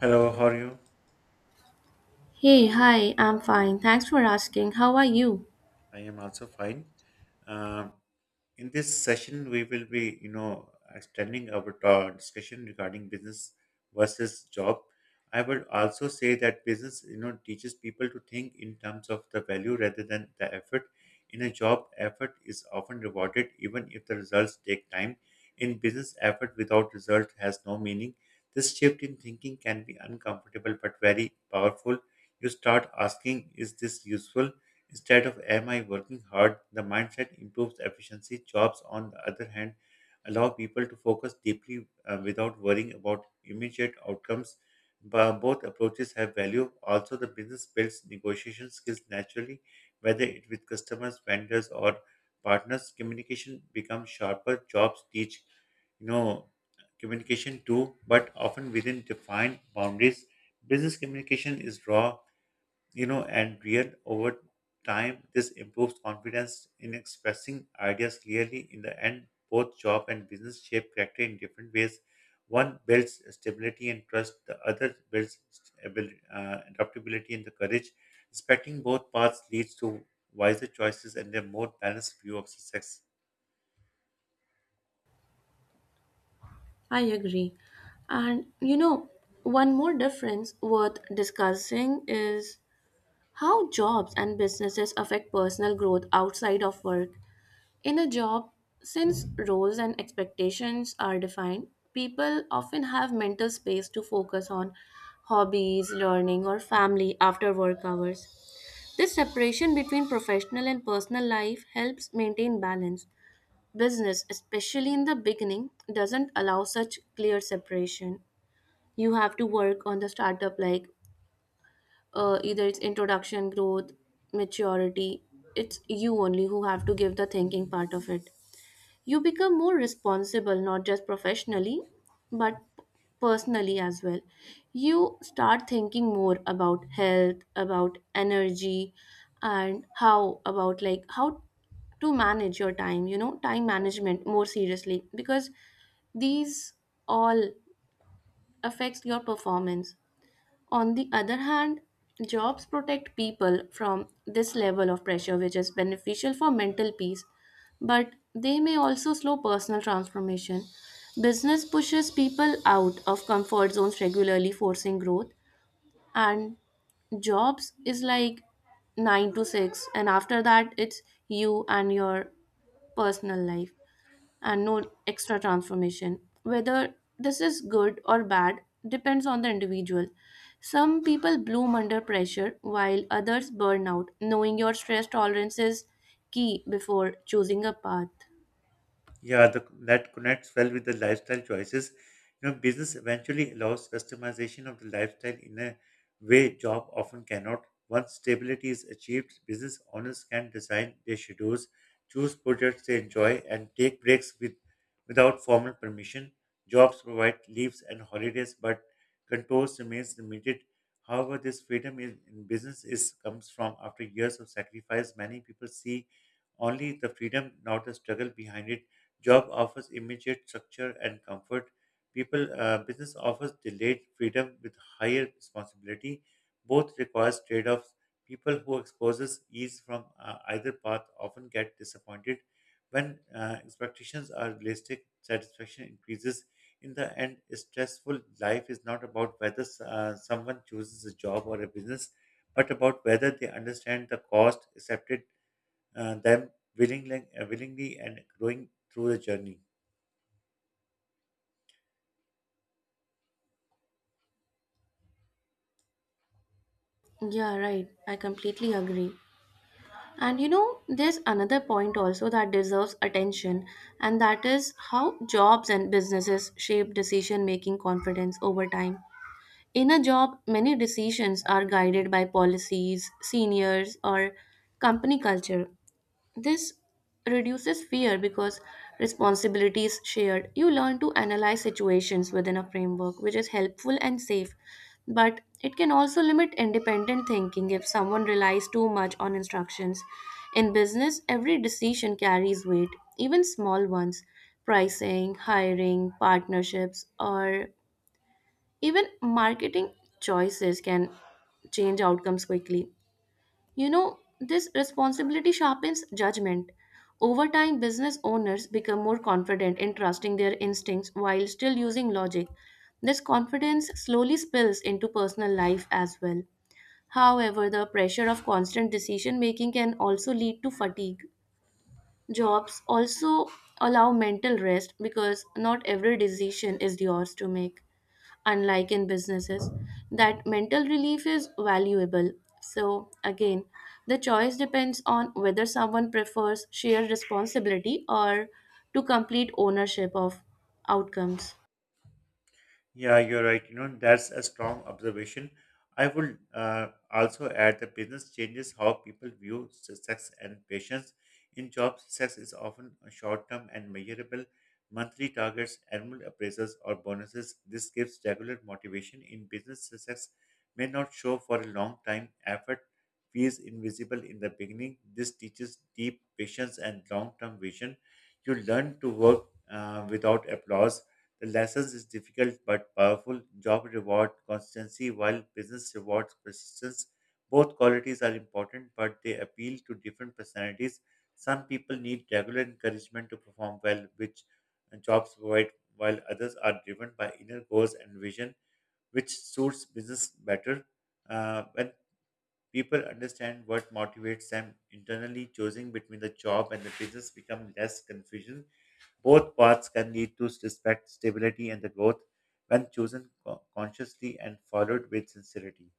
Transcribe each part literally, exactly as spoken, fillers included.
Hello, how are you? Hey, hi, I'm fine. Thanks for asking. How are you? I am also fine. Um, in this session, we will be, you know, extending our ta- discussion regarding business versus job. I would also say that business, you know, teaches people to think in terms of the value rather than the effort. In a job, effort is often rewarded, even if the results take time. In business, effort without result has no meaning. This shift in thinking can be uncomfortable but very powerful. You start asking, is this useful? Instead of am I working hard, the mindset improves efficiency. Jobs, on the other hand, allow people to focus deeply uh, without worrying about immediate outcomes. But both approaches have value. Also, the business builds negotiation skills naturally, whether it with customers, vendors, or partners. Communication becomes sharper. Jobs teach, you know, communication too, but often within defined boundaries. Business communication is raw, you know, and real over time. This improves confidence in expressing ideas clearly. In the end, both job and business shape character in different ways. One builds stability and trust, the other builds stabil- uh, adaptability and the courage. Respecting both paths leads to wiser choices and a more balanced view of success. I agree. And you know, One more difference worth discussing is how jobs and businesses affect personal growth outside of work. In a job, since roles and expectations are defined, people often have mental space to focus on hobbies, learning, or family after work hours. This separation between professional and personal life helps maintain balance. Business, especially in the beginning, doesn't allow such clear separation. You have to work on the startup like uh, either its introduction, growth, maturity. It's you only who have to give the thinking part of it. You become more responsible, not just professionally, but personally as well. You start thinking more about health, about energy, and how about like how to manage your time, you know, time management more seriously because these all affects your performance. On the other hand, jobs protect people from this level of pressure, which is beneficial for mental peace, but they may also slow personal transformation. Business pushes people out of comfort zones regularly, forcing growth, and jobs is like nine to six, and after that, it's you and your personal life and no extra transformation. Whether this is good or bad depends on the individual. Some people bloom under pressure while others burn out. Knowing your stress tolerance is key before choosing a path. Yeah, the, that connects well with the lifestyle choices. You know, business eventually allows customization of the lifestyle in a way job often cannot. Once stability is achieved, business owners can design their schedules, choose projects they enjoy, and take breaks with without formal permission. Jobs provide leaves and holidays, but controls remains limited. However, this freedom in, in business is comes from after years of sacrifice. Many people see only the freedom, not the struggle behind it. Job offers immediate structure and comfort. People uh, Business offers delayed freedom with higher responsibility. Both requires trade-offs. People who exposes ease from uh, either path often get disappointed. When uh, expectations are realistic, satisfaction increases. In the end, a stressful life is not about whether uh, someone chooses a job or a business, but about whether they understand the cost, accept it, uh, them willingly, uh, willingly and growing through the journey. Yeah, right. I completely agree. And you know, there's another point also that deserves attention, and that is how jobs and businesses shape decision making confidence over time. In a job, many decisions are guided by policies, seniors, or company culture. This reduces fear because responsibility is shared. You learn to analyze situations within a framework, which is helpful and safe. But it can also limit independent thinking if someone relies too much on instructions. In business, every decision carries weight, even small ones pricing, hiring, partnerships, or even marketing choices can change outcomes quickly. You know, this responsibility sharpens judgment. Over time, business owners become more confident in trusting their instincts while still using logic. This confidence slowly spills into personal life as well. However, the pressure of constant decision making can also lead to fatigue. Jobs also allow mental rest because not every decision is yours to make. Unlike in businesses, that mental relief is valuable. So, again, the choice depends on whether someone prefers shared responsibility or to complete ownership of outcomes. Yeah, you're right. You know, that's a strong observation. I would uh, also add that business changes how people view success and patience. In jobs, success is often short term and measurable. Monthly targets, annual appraisals, or bonuses. This gives regular motivation. In business, success may not show for a long time. Effort feels invisible in the beginning. This teaches deep patience and long term vision. You learn to work uh, without applause. The lessons is difficult but powerful. Job reward constancy while business rewards persistence. Both qualities are important, but they appeal to different personalities. Some people need regular encouragement to perform well, which jobs provide, while others are driven by inner goals and vision, which suits business better. Uh, when people understand what motivates them internally, choosing between the job and the business become less confusion. Both paths can lead to respect, stability, and the growth when chosen co- consciously and followed with sincerity.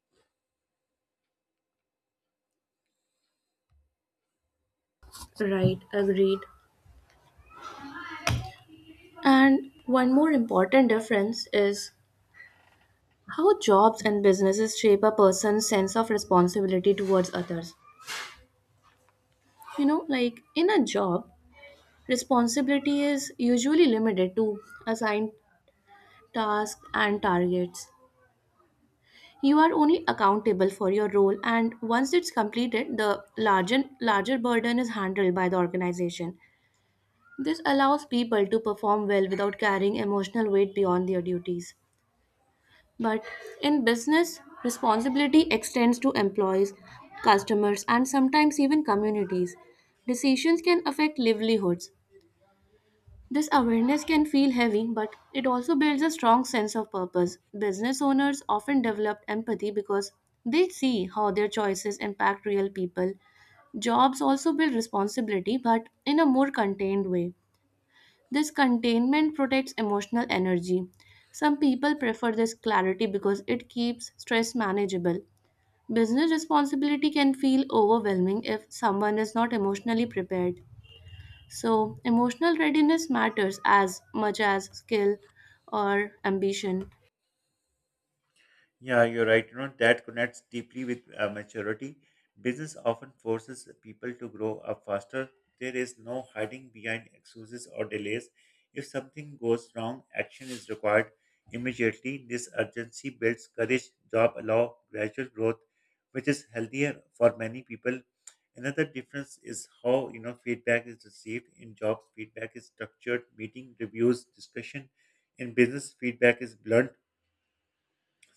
Right, agreed. And one more important difference is how jobs and businesses shape a person's sense of responsibility towards others. You know like in a job, responsibility is usually limited to assigned tasks and targets. You are only accountable for your role, and once it's completed, the larger larger burden is handled by the organization. This allows people to perform well without carrying emotional weight beyond their duties. But in business, responsibility extends to employees, customers, and sometimes even communities. Decisions can affect livelihoods. This awareness can feel heavy, but it also builds a strong sense of purpose. Business owners often develop empathy because they see how their choices impact real people. Jobs also build responsibility, but in a more contained way. This containment protects emotional energy. Some people prefer this clarity because it keeps stress manageable. Business responsibility can feel overwhelming if someone is not emotionally prepared. So, emotional readiness matters as much as skill or ambition. Yeah, you're right. You know, that connects deeply with uh, maturity. Business often forces people to grow up faster. There is no hiding behind excuses or delays. If something goes wrong, action is required immediately. This urgency builds courage, job allow gradual growth, which is healthier for many people. Another difference is how you know feedback is received in jobs. Feedback is structured, meeting, reviews, discussion. In business, feedback is blunt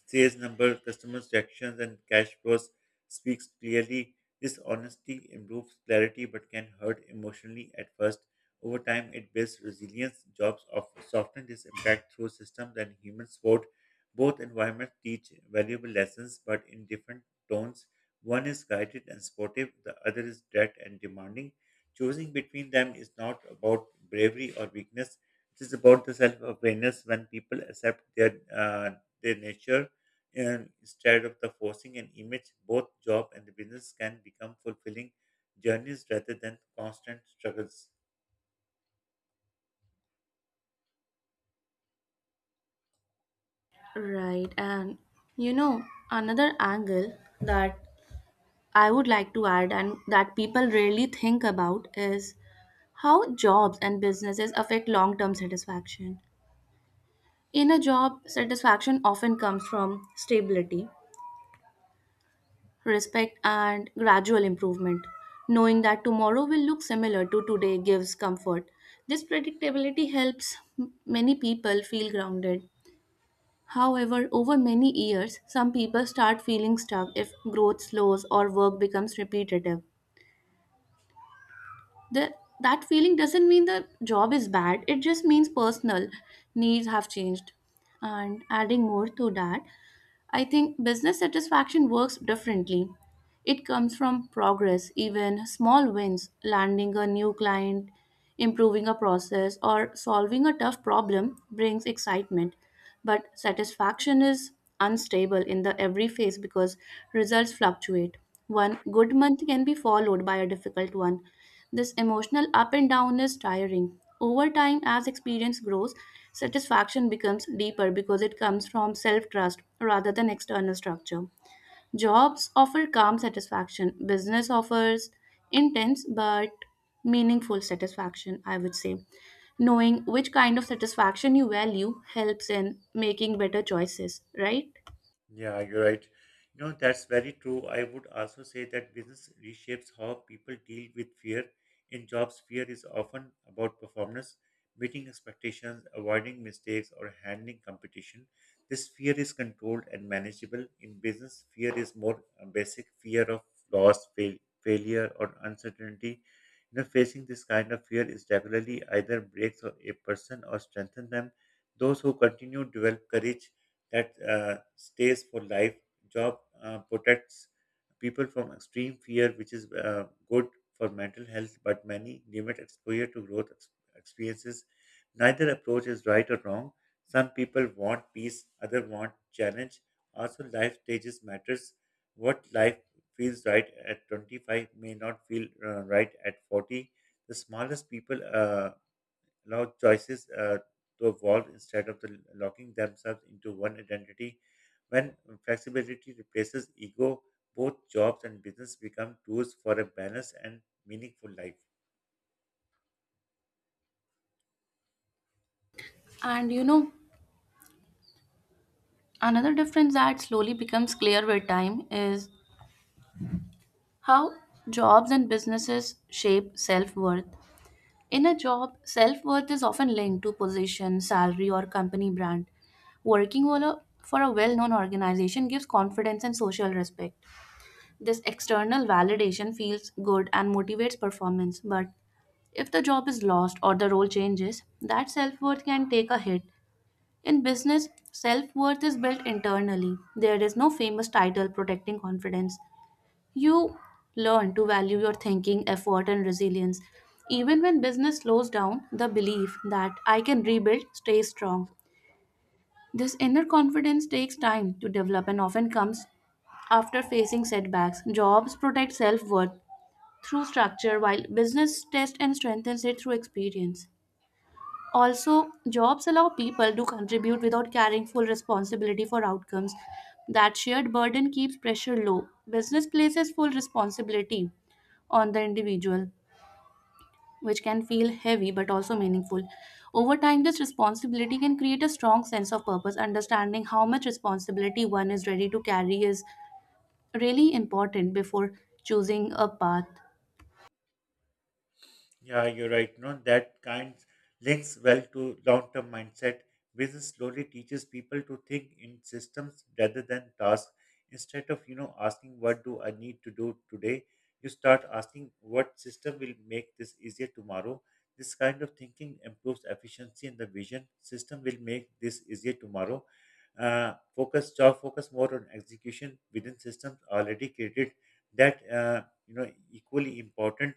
sales number, customers' reactions, and cash flows speaks clearly. This honesty improves clarity but can hurt emotionally at first. Over time, it builds resilience. Jobs of soften this impact through systems and human support. Both environments teach valuable lessons, but in different tones. One is guided and supportive, the other is direct and demanding. Choosing between them is not about bravery or weakness. It is about the self-awareness when people accept their uh, their nature and instead of the forcing an image both job and the business can become fulfilling journeys rather than constant struggles. Right. And you know, Another angle that I would like to add, and that people rarely think about, is how jobs and businesses affect long term satisfaction. In a job, satisfaction often comes from stability, respect, and gradual improvement. Knowing that tomorrow will look similar to today gives comfort. This predictability helps m- many people feel grounded. However, over many years, some people start feeling stuck if growth slows or work becomes repetitive. The, that feeling doesn't mean the job is bad, it just means personal needs have changed. And adding more to that, I think business satisfaction works differently. It comes from progress, even small wins, landing a new client. Improving a process or solving a tough problem brings excitement, but satisfaction is unstable in the every phase because results fluctuate. One good month can be followed by a difficult one. This emotional up and down is tiring. Over time, as experience grows, satisfaction becomes deeper because it comes from self trust rather than external structure. Jobs offer calm satisfaction, business offers intense but meaningful satisfaction, I would say. Knowing which kind of satisfaction you value helps in making better choices, right? Yeah, you're right. You know, that's very true. I would also say that business reshapes how people deal with fear. In jobs, fear is often about performance, meeting expectations, avoiding mistakes, or handling competition. This fear is controlled and manageable. In business, fear is more a basic fear of loss, fail, failure, or uncertainty. You know, facing this kind of fear is regularly either breaks a a person or strengthens them. Those who continue develop courage that uh, stays for life. Job uh, protects people from extreme fear, which is uh, good for mental health, but many limit exposure to growth ex- experiences. Neither approach is right or wrong. Some people want peace, others want challenge. Also, life stages matters. What life feels right at twenty-five may not feel uh, right at forty. The smallest people uh, allow choices uh, to evolve instead of the locking themselves into one identity. When flexibility replaces ego, both jobs and business become tools for a balanced and meaningful life. And you know, Another difference that slowly becomes clear with time is how jobs and businesses shape self worth. In a job, self worth is often linked to position, salary, or company brand. Working for a, for a well known organization gives confidence and social respect. This external validation feels good and motivates performance, but if the job is lost or the role changes, that self worth can take a hit. In business, self worth is built internally. There is no famous title protecting confidence. You learn to value your thinking, effort, and resilience. Even when business slows down, the belief that I can rebuild stays strong. This inner confidence takes time to develop and often comes after facing setbacks. Jobs protect self worth through structure, while business tests and strengthens it through experience. Also, jobs allow people to contribute without carrying full responsibility for outcomes. That shared burden keeps pressure low. Business places full responsibility on the individual, which can feel heavy but also meaningful. Over time, this responsibility can create a strong sense of purpose. Understanding how much responsibility one is ready to carry is really important before choosing a path. Yeah, you're right. No, that kind links well to long-term mindset. Business slowly teaches people to think in systems rather than tasks. Instead of, you know, asking what do I need to do today, you start asking what system will make this easier tomorrow. This kind of thinking improves efficiency and the vision. System will make this easier tomorrow. Uh, focus, job focus more on execution within systems already created. That uh, you know equally important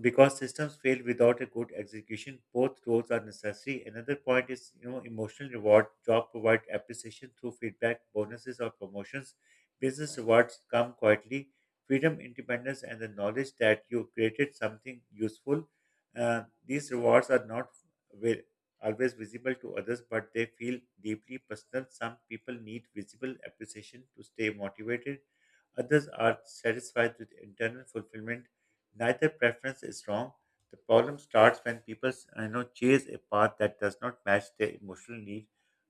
because systems fail without a good execution. Both roles are necessary. Another point is, you know, emotional reward job provide appreciation through feedback bonuses or promotions. Business rewards come quietly freedom independence and the knowledge that you created something useful. Uh, these rewards are not wi- always visible to others but they feel deeply personal. Some people need visible appreciation to stay motivated, others are satisfied with internal fulfillment. Neither preference is wrong. The problem starts when people, you know, chase a path that does not match their emotional need,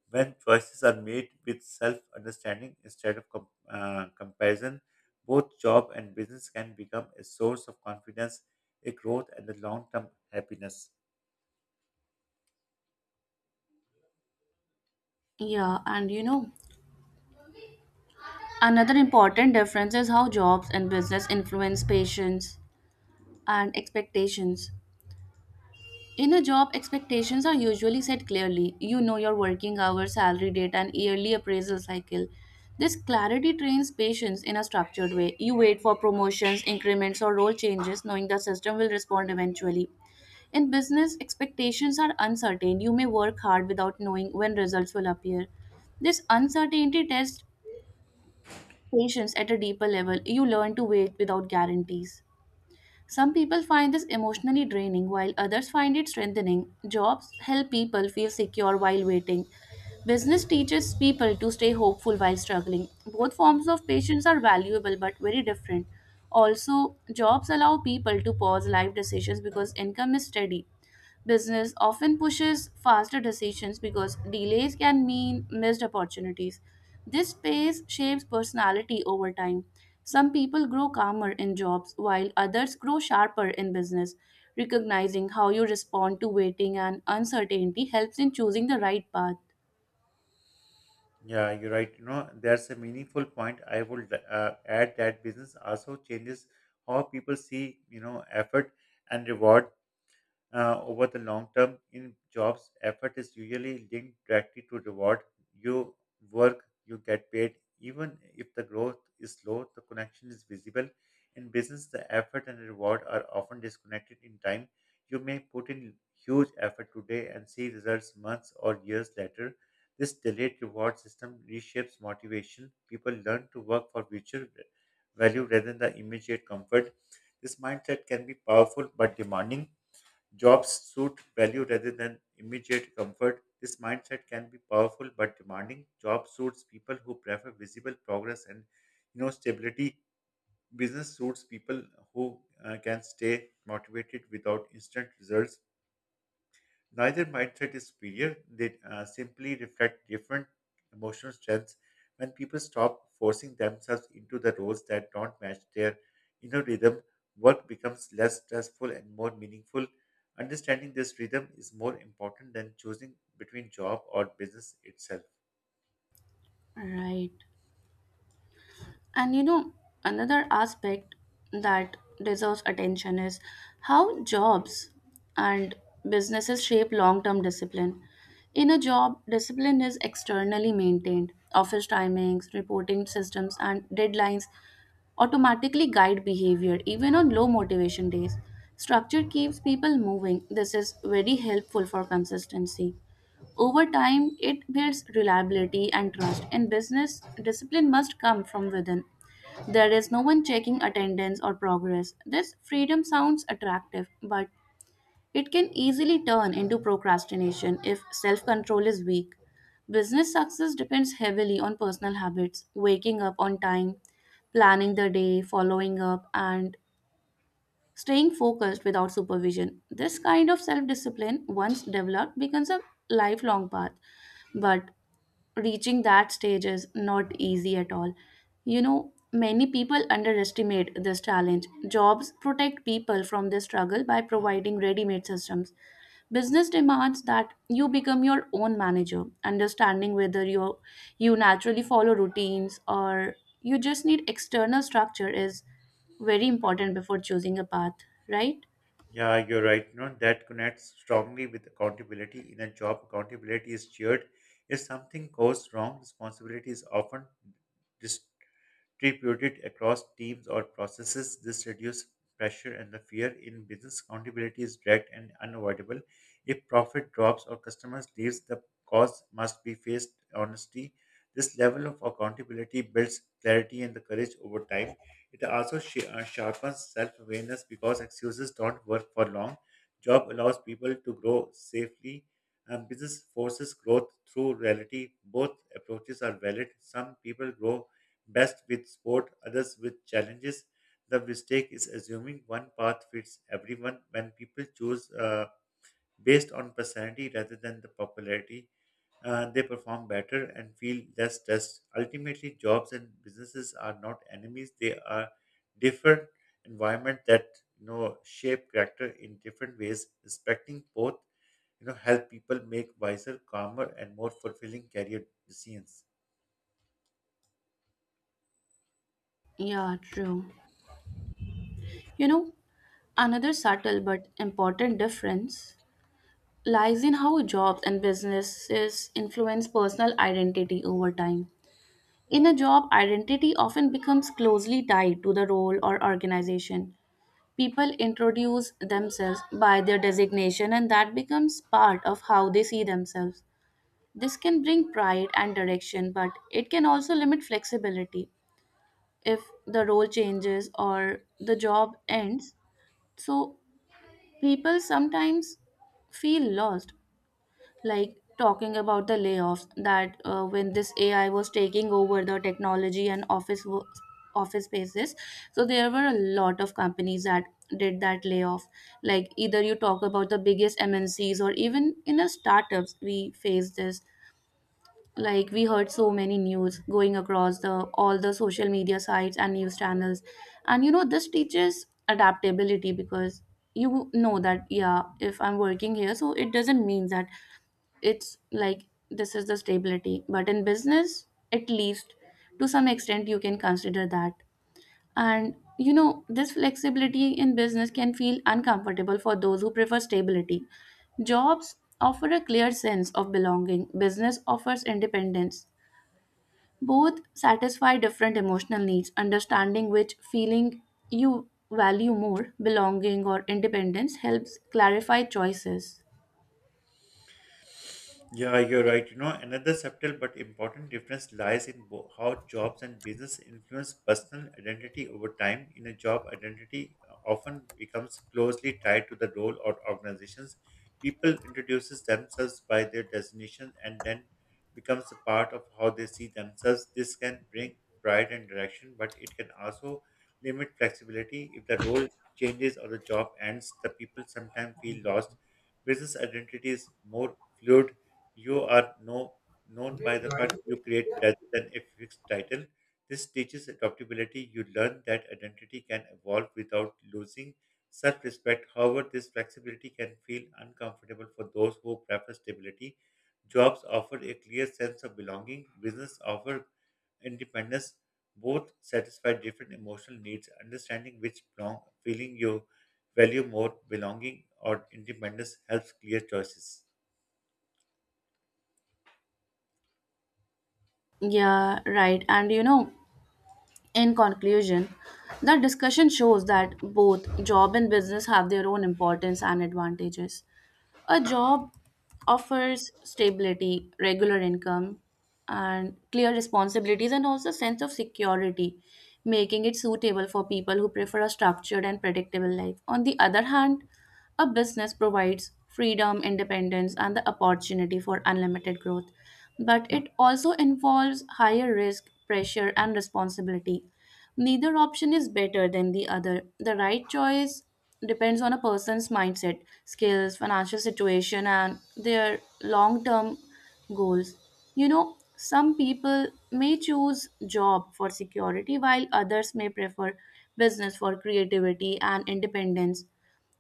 when choices are made with self understanding instead of com- uh, comparison. Both job and business can become a source of confidence, a growth, and a long term happiness. Yeah, and you know, another important difference is how jobs and business influence patients and expectations. In a job, expectations are usually set clearly. You know your working hours, salary date, and yearly appraisal cycle. This clarity trains patience in a structured way. You wait for promotions, increments, or role changes, knowing the system will respond eventually. In business, expectations are uncertain. You may work hard without knowing when results will appear. This uncertainty tests patience at a deeper level. You learn to wait without guarantees. Some people find this emotionally draining, while others find it strengthening. Jobs help people feel secure while waiting. Business teaches people to stay hopeful while struggling. Both forms of patience are valuable but very different. Also, jobs allow people to pause life decisions because income is steady. Business often pushes faster decisions because delays can mean missed opportunities. This pace shapes personality over time. Some people grow calmer in jobs while others grow sharper in business. Recognizing how you respond to waiting and uncertainty helps in choosing the right path. Yeah, you're right. You know, there's a meaningful point. I would uh, add that business also changes how people see, you know, effort and reward uh, over the long term in jobs, effort is usually linked directly to reward. You work, you get paid. Even if the growth is slow, the connection is visible. In business, the effort and reward are often disconnected in time. You may put in huge effort today and see results months or years later. This delayed reward system reshapes motivation. People learn to work for future value rather than the immediate comfort. This mindset can be powerful but demanding. Jobs suit value rather than immediate comfort. This mindset can be powerful but demanding. Job suits people who prefer visible progress and, you know, stability. Business suits people who uh, can stay motivated without instant results. Neither mindset is superior, they uh, simply reflect different emotional strengths. When people stop forcing themselves into the roles that don't match their inner rhythm, work becomes less stressful and more meaningful. Understanding this rhythm is more important than choosing between job or business itself. Right. And you know, Another aspect that deserves attention is how jobs and businesses shape long term discipline. In a job, discipline is externally maintained. Office timings, reporting systems, and deadlines automatically guide behavior even on low motivation days. Structure keeps people moving. This is very helpful for consistency. Over time, it builds reliability and trust, and business discipline must come from within. There is no one checking attendance or progress. This freedom sounds attractive, but it can easily turn into procrastination if self control is weak. Business success depends heavily on personal habits, waking up on time, planning the day, following up, and staying focused without supervision. This kind of self discipline, once developed, becomes a lifelong path. But reaching that stage is not easy at all. You know, many people underestimate this challenge. Jobs protect people from this struggle by providing ready made systems. Business demands that you become your own manager. Understanding whether you you naturally follow routines or you just need external structure is very important before choosing a path, right? Yeah, you're right. You know, that connects strongly with accountability. In a job, accountability is shared. If something goes wrong, responsibility is often distribute it across teams or processes. This reduces pressure and the fear in business. Accountability is direct and unavoidable. If profit drops or customers leaves, the cause must be faced honestly. This level of accountability builds clarity and the courage over time. It also sh- uh, sharpens self-awareness because excuses don't work for long. Job allows people to grow safely and business forces growth through reality. Both approaches are valid. Some people grow best with sport, others with challenges. The mistake is assuming one path fits everyone when people choose uh, based on personality rather than the popularity. Uh, they perform better and feel less stressed. Ultimately, jobs and businesses are not enemies; they are different environment that, you know, shape character in different ways. Respecting both, you know, help people make wiser, calmer, and more fulfilling career decisions. Yeah, true. You know, Another subtle but important difference lies in how jobs and businesses influence personal identity over time. In a job, identity often becomes closely tied to the role or organization. People introduce themselves by their designation, and that becomes part of how they see themselves. This can bring pride and direction, but it can also limit flexibility if the role changes or the job ends. So, people sometimes feel lost like talking about the layoffs that uh, when this AI was taking over the technology and office wo- office spaces. So there were a lot of companies that did that layoff, like either you talk about the biggest M N Cs or even in the startups we face this. Like, we heard so many news going across the all the social media sites and news channels. And you know this teaches adaptability, because you know that yeah, if I'm working here, so it doesn't mean that it's like this is the stability, but in business at least to some extent you can consider that. And you know this flexibility in business can feel uncomfortable for those who prefer stability. Jobs offer a clear sense of belonging, business offers independence. Both satisfy different emotional needs. Understanding which feeling you value more, belonging or independence, helps clarify choices. Yeah, you're right. You know, another subtle but important difference lies in bo- how jobs and business influence personal identity over time. In a job, identity uh, often becomes closely tied to the role or organizations. People introduces themselves by their designation and then becomes a part of how they see themselves. This can bring pride and direction, but it can also limit flexibility. If the role changes or the job ends, the people sometimes feel lost. Business identity is more fluid. You are no, known by the fact you create rather than a fixed title. This teaches adaptability. You learn that identity can evolve without losing self respect. However, this flexibility can feel uncomfortable for those who prefer stability. Jobs offer a clear sense of belonging, business offer independence. Both satisfy different emotional needs. Understanding which belong, feeling you value more, belonging or independence, helps clear choices. Yeah, right. And you know, in conclusion, the discussion shows that both job and business have their own importance and advantages. A job offers stability, regular income, and clear responsibilities, and also a sense of security, making it suitable for people who prefer a structured and predictable life. On the other hand, a business provides freedom, independence, and the opportunity for unlimited growth, but it also involves higher risk, pressure, and responsibility. Neither option is better than the other. The right choice depends on a person's mindset, skills, financial situation, and their long term goals. You know, some people may choose job for security while others may prefer business for creativity and independence,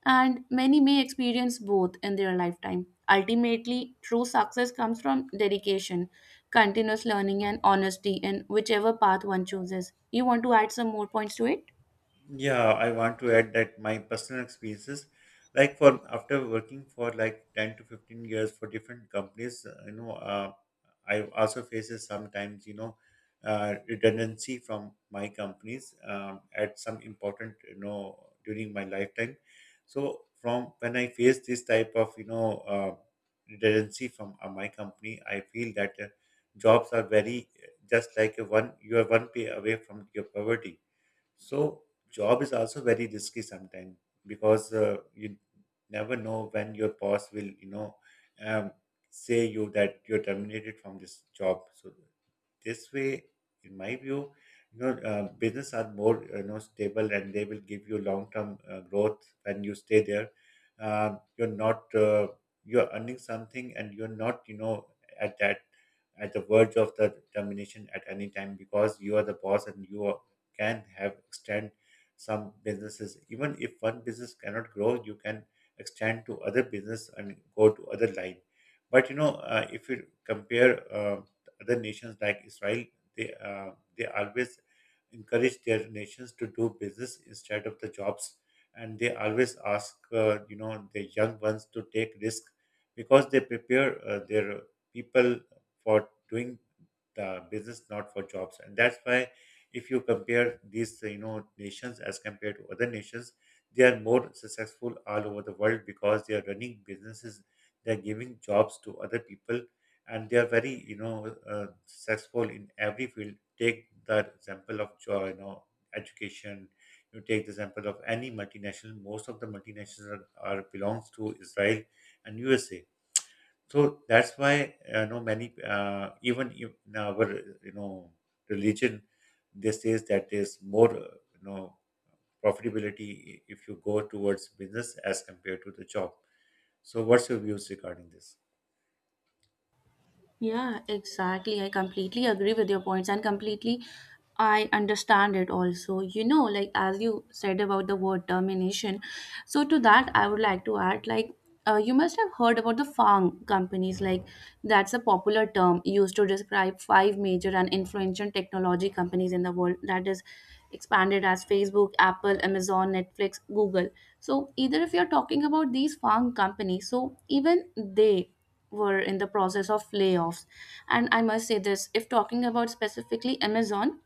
and many may experience both in their lifetime. Ultimately, true success comes from dedication, continuous learning, and honesty in whichever path one chooses. You want to add some more points to it? Yeah, I want to add that my personal experiences, like for after working for like ten to fifteen years for different companies, uh, you know, uh, I also faces sometimes, you know, uh, redundancy from my companies um, at some important, you know, during my lifetime. So from when I face this type of, you know, uh, redundancy from uh, my company, I feel that uh, jobs are very uh, just like a one, you are one pay away from your poverty. So job is also very risky sometimes because uh, you never know when your boss will, you know, um, say you that you're terminated from this job. So this way, in my view, you know, uh, business are more uh, you know stable and they will give you long term uh, growth when you stay there. Um you're not uh, you're earning something and you're not, you know, at that at the verge of the termination at any time because you are the boss and you are, can have extend some businesses. Even if one business cannot grow you can extend to other business and go to other line. But you know uh, if you compare uh, other nations like Israel, they uh, they always encourage their nations to do business instead of the jobs, and they always ask uh, you know the young ones to take risk because they prepare uh, their people for doing the business not for jobs, and that's why if you compare these uh, you know nations as compared to other nations they are more successful all over the world because they are running businesses. They're giving jobs to other people and they are very, you know, uh, successful in every field. Take the example of jo- you know education. You take the example of any multinational. Most of the multinationals are, are belongs to Israel and U S A. So that's why, uh, you know many uh, even if in our, you know, religion they says that there's more, uh, you know, profitability i- if you go towards business as compared to the job. So what's your views regarding this? Yeah, exactly. I completely agree with your points and completely I understand it also. You know, like as you said about the word termination. So to that I would like to add like uh, you must have heard about the FANG companies, like that's a popular term used to describe five major and influential technology companies in the world, that is expanded as Facebook, Apple, Amazon, Netflix, Google. So, either if you're talking about these FANG companies, so even they were in the process of layoffs. And I must say this, if talking about specifically Amazon,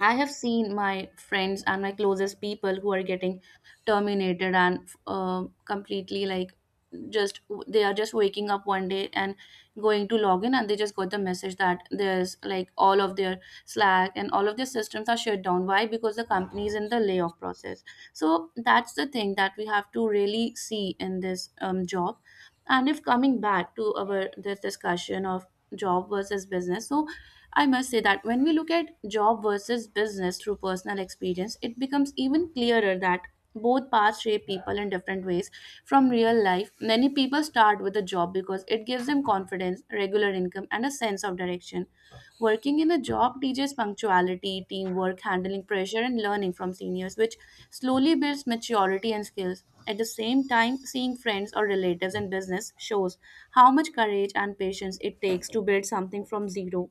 I have seen my friends and my closest people who are getting terminated and uh, completely like just they are just waking up one day and going to log in, and they just got the message that there's like all of their Slack and all of their systems are shut down. Why? Because the company is in the layoff process. So that's the thing that we have to really see in this um, job. And if coming back to our this discussion of job versus business, so I must say that when we look at job versus business through personal experience, it becomes even clearer that both paths shape people in different ways. From real life, many people start with a job because it gives them confidence, regular income, and a sense of direction. Working in a job teaches punctuality, teamwork, handling pressure, and learning from seniors, which slowly builds maturity and skills. At the same time, seeing friends or relatives in business shows how much courage and patience it takes to build something from zero.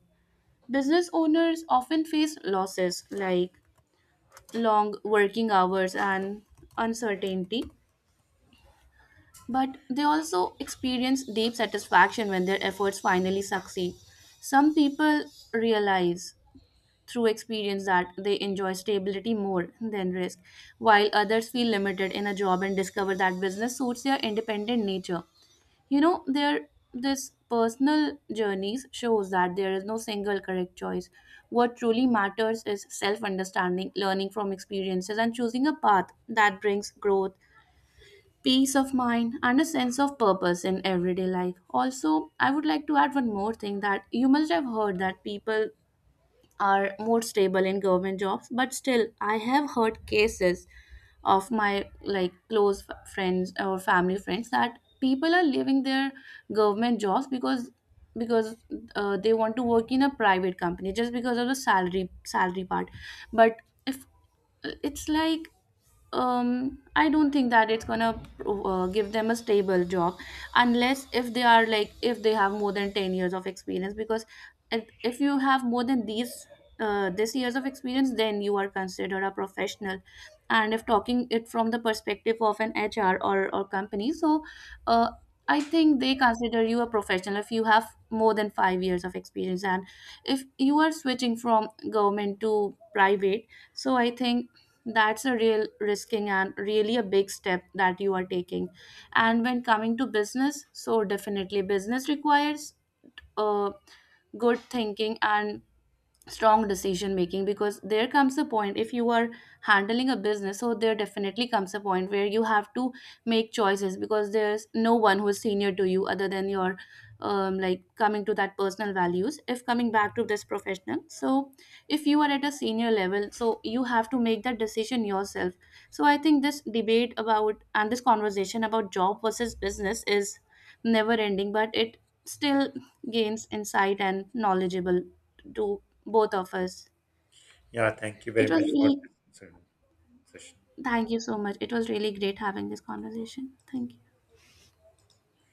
Business owners often face losses like long working hours and uncertainty, but they also experience deep satisfaction when their efforts finally succeed. Some people realize through experience that they enjoy stability more than risk, while others feel limited in a job and discover that business suits their independent nature. You know, there, this personal journeys shows that there is no single correct choice. What truly matters is self understanding, learning from experiences, and choosing a path that brings growth, peace of mind, and a sense of purpose in everyday life. Also, I would like to add one more thing that you must have heard, that people are more stable in government jobs, but still I have heard cases of my like close f- friends or family friends that people are leaving their government jobs because because uh, they want to work in a private company just because of the salary salary part. But if it's like um I don't think that it's gonna uh, give them a stable job, unless if they are like if they have more than ten years of experience. Because if if you have more than these uh, this years of experience, then you are considered a professional. And if talking it from the perspective of an H R or, or company, so uh, I think they consider you a professional if you have more than five years of experience. And if you are switching from government to private, so I think that's a real risking and really a big step that you are taking. And when coming to business, so definitely business requires uh, good thinking and strong decision making, because there comes a point, if you are handling a business, so there definitely comes a point where you have to make choices because there's no one who is senior to you other than your um, like coming to that personal values, if coming back to this professional. So if you are at a senior level, so you have to make that decision yourself. So I think this debate about and this conversation about job versus business is never ending, but it still gains insight and knowledgeable to both of us. Yeah, thank you It very was much for really this. Taşın. thank you so much, it was really great having this conversation, thank you.